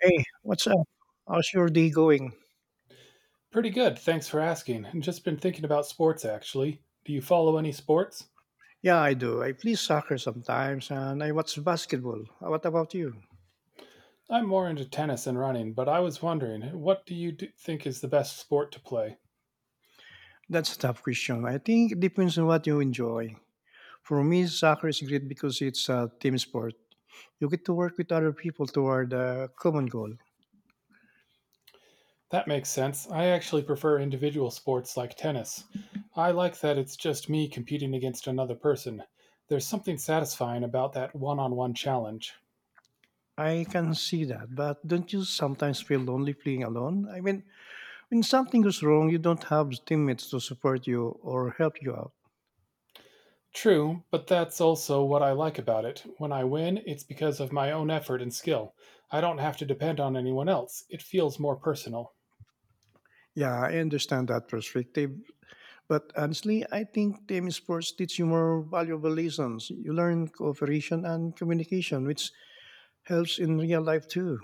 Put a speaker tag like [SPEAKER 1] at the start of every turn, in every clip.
[SPEAKER 1] Hey, what's up? How's your day going?
[SPEAKER 2] Pretty good, thanks for asking. And just been thinking about sports actually. Do you follow any sports?
[SPEAKER 1] Yeah, I do. I play soccer sometimes and I watch basketball. What about you?
[SPEAKER 2] I'm more into tennis and running, but I was wondering, what do you d think is the best sport to play?
[SPEAKER 1] That's a tough question. I think it depends on what you enjoy. For me, soccer is great because it's a team sport. You get to work with other people toward a common goal.
[SPEAKER 2] That makes sense. I actually prefer individual sports like tennis. I like that it's just me competing against another person. There's something satisfying about that one on one challenge.
[SPEAKER 1] I can see that, but don't you sometimes feel lonely playing alone? I mean, when something goes wrong, you don't have teammates to support you or help you out.
[SPEAKER 2] True, but that's also what I like about it. When I win, it's because of my own effort and skill. I don't have to depend on anyone else. It feels more personal.
[SPEAKER 1] Yeah, I understand that perspective. But honestly, I think team sports teach you more valuable lessons. You learn cooperation and communication, which helps in real life too.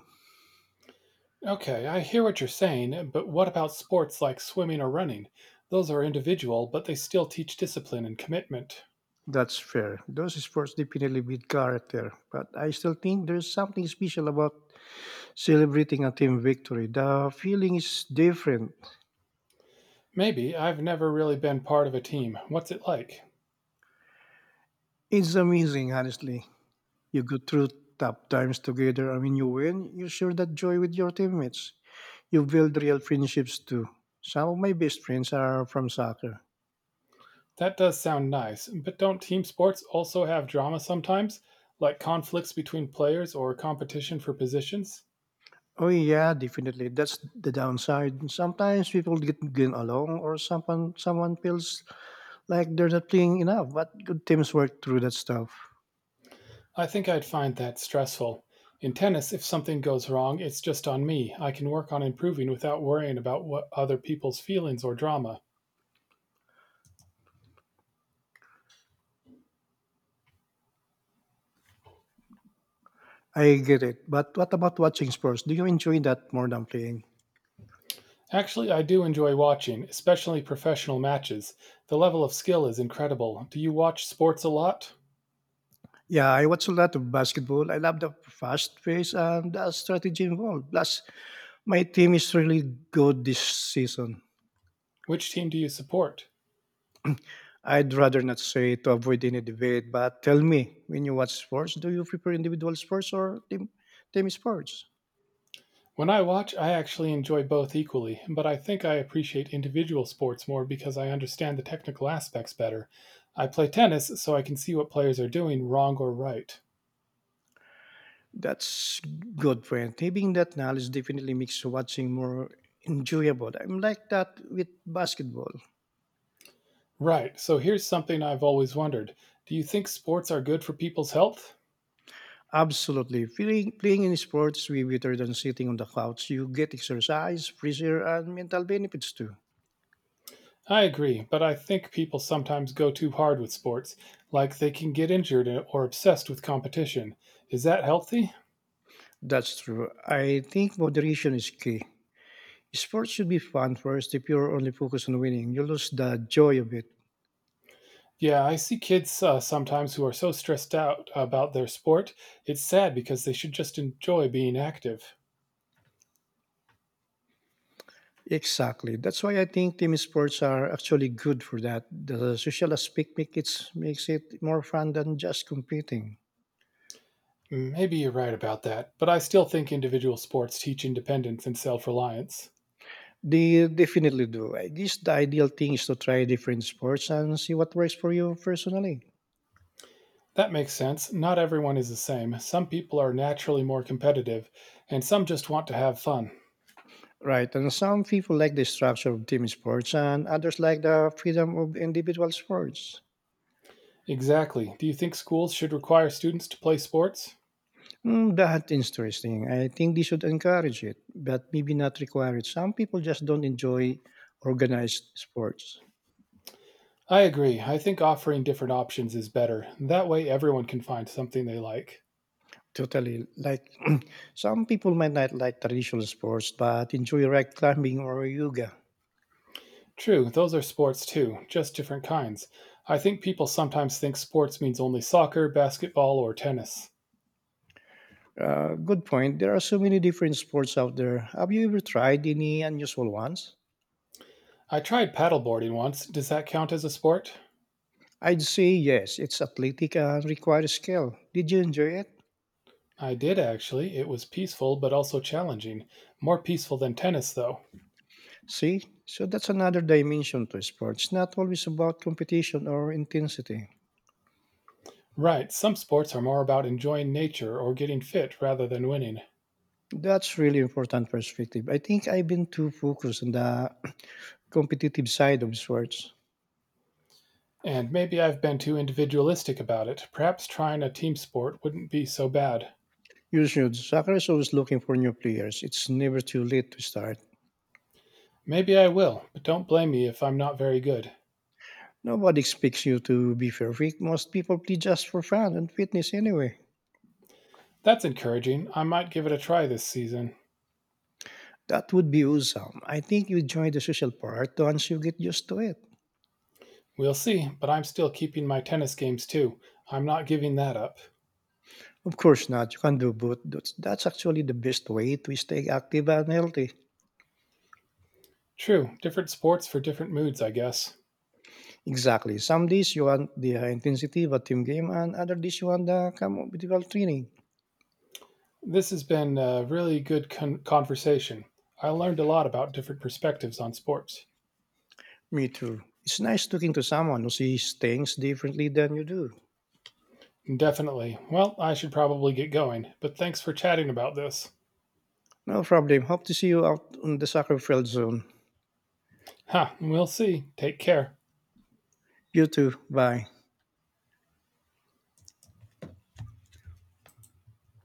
[SPEAKER 2] Okay, I hear what you're saying, but what about sports like swimming or running? Those are individual, but they still teach discipline and commitment.
[SPEAKER 1] That's fair. Those sports definitely build character, but I still think there's something special about celebrating a team victory. The feeling is different.
[SPEAKER 2] Maybe I've never really been part of a team. What's it like?
[SPEAKER 1] It's amazing, honestly. You go through tough times together, and when you win, you share that joy with your teammates. You build real friendships too. Some of my best friends are from soccer.
[SPEAKER 2] That does sound nice, but don't team sports also have drama sometimes? Like conflicts between players or competition for positions?
[SPEAKER 1] Oh yeah, definitely. That's the downside. Sometimes people get along, or someone feels like they're not playing enough. But good teams work through that stuff.
[SPEAKER 2] I think I'd find that stressful. In tennis, if something goes wrong, it's just on me. I can work on improving without worrying about what other people's feelings or drama.
[SPEAKER 1] I get it. But what about watching sports? Do you enjoy that more than playing?
[SPEAKER 2] Actually, I do enjoy watching, especially professional matches. The level of skill is incredible. Do you watch sports a lot?
[SPEAKER 1] Yeah, I watch a lot of basketball. I love the fast pace and the strategy involved. Plus, my team is really good this season.
[SPEAKER 2] Which team do you support?
[SPEAKER 1] I'd rather not say to avoid any debate, but tell me, when you watch sports, do you prefer individual sports or team sports?
[SPEAKER 2] When I watch, I actually enjoy both equally, but I think I appreciate individual sports more because I understand the technical aspects better. I play tennis, so I can see what players are doing wrong or right.
[SPEAKER 1] That's good point. Having that knowledge definitely makes watching more enjoyable. I'm like that with basketball.
[SPEAKER 2] Right, so here's something I've always wondered. Do you think sports are good for people's health?
[SPEAKER 1] Absolutely. Playing in sports way better than sitting on the couch. You get exercise, fresh and mental benefits too.
[SPEAKER 2] I agree, but I think people sometimes go too hard with sports, like they can get injured or obsessed with competition. Is that healthy?
[SPEAKER 1] That's true. I think moderation is key. Sports should be fun first. If you're only focused on winning, you lose the joy of it.
[SPEAKER 2] Yeah, I see kids sometimes who are so stressed out about their sport. It's sad because they should just enjoy being active.
[SPEAKER 1] Exactly. That's why I think team sports are actually good for that. The social makes it more fun than just competing.
[SPEAKER 2] Mm, maybe you're right about that, but I still think individual sports teach independence and self reliance.
[SPEAKER 1] They definitely do. I guess the ideal thing is to try different sports and see what works for you personally.
[SPEAKER 2] That makes sense. Not everyone is the same. Some people are naturally more competitive, and some just want to have fun.
[SPEAKER 1] Right. And some people like the structure of team sports and others like the freedom of individual sports.
[SPEAKER 2] Exactly. Do you think schools should require students to play sports?
[SPEAKER 1] Mm, that's interesting. I think they should encourage it, but maybe not require it. Some people just don't enjoy organized sports.
[SPEAKER 2] I agree. I think offering different options is better. That way, everyone can find something they like.
[SPEAKER 1] Totally. Like some people might not like traditional sports, but enjoy rock climbing or yoga.
[SPEAKER 2] True, those are sports too, just different kinds. I think people sometimes think sports means only soccer, basketball, or tennis.
[SPEAKER 1] Good point. There are so many different sports out there. Have you ever tried any unusual ones?
[SPEAKER 2] I tried paddleboarding once. Does that count as a sport?
[SPEAKER 1] I'd say yes. It's athletic and requires skill. Did you enjoy it?
[SPEAKER 2] I did actually. It was peaceful but also challenging. More peaceful than tennis, though.
[SPEAKER 1] See? So that's another dimension to sports. Not always about competition or intensity.
[SPEAKER 2] Right, some sports are more about enjoying nature or getting fit rather than winning.
[SPEAKER 1] That's really important perspective. I think I've been too focused on the competitive side of sports.
[SPEAKER 2] And maybe I've been too individualistic about it. Perhaps trying a team sport wouldn't be so bad.
[SPEAKER 1] You should. Soccer is always looking for new players. It's never too late to start.
[SPEAKER 2] Maybe I will, but don't blame me if I'm not very good.
[SPEAKER 1] Nobody expects you to be perfect. Most people play just for fun and fitness anyway.
[SPEAKER 2] That's encouraging. I might give it a try this season.
[SPEAKER 1] That would be awesome. I think you join the social part once you get used to it.
[SPEAKER 2] We'll see, but I'm still keeping my tennis games too. I'm not giving that up.
[SPEAKER 1] Of course not. You can do both. That's actually the best way to stay active and healthy.
[SPEAKER 2] True, different sports for different moods, I guess.
[SPEAKER 1] Exactly. Some days you want the high intensity of a team game, and other days you want the communal training.
[SPEAKER 2] This has been a really good conversation. I learned a lot about different perspectives on sports.
[SPEAKER 1] Me too. It's nice talking to someone who sees things differently than you do.
[SPEAKER 2] Definitely. Well, I should probably get going, but thanks for chatting about this.
[SPEAKER 1] No problem. Hope to see you out on the soccer field soon.
[SPEAKER 2] Huh, we'll see. Take care.
[SPEAKER 1] You too. Bye.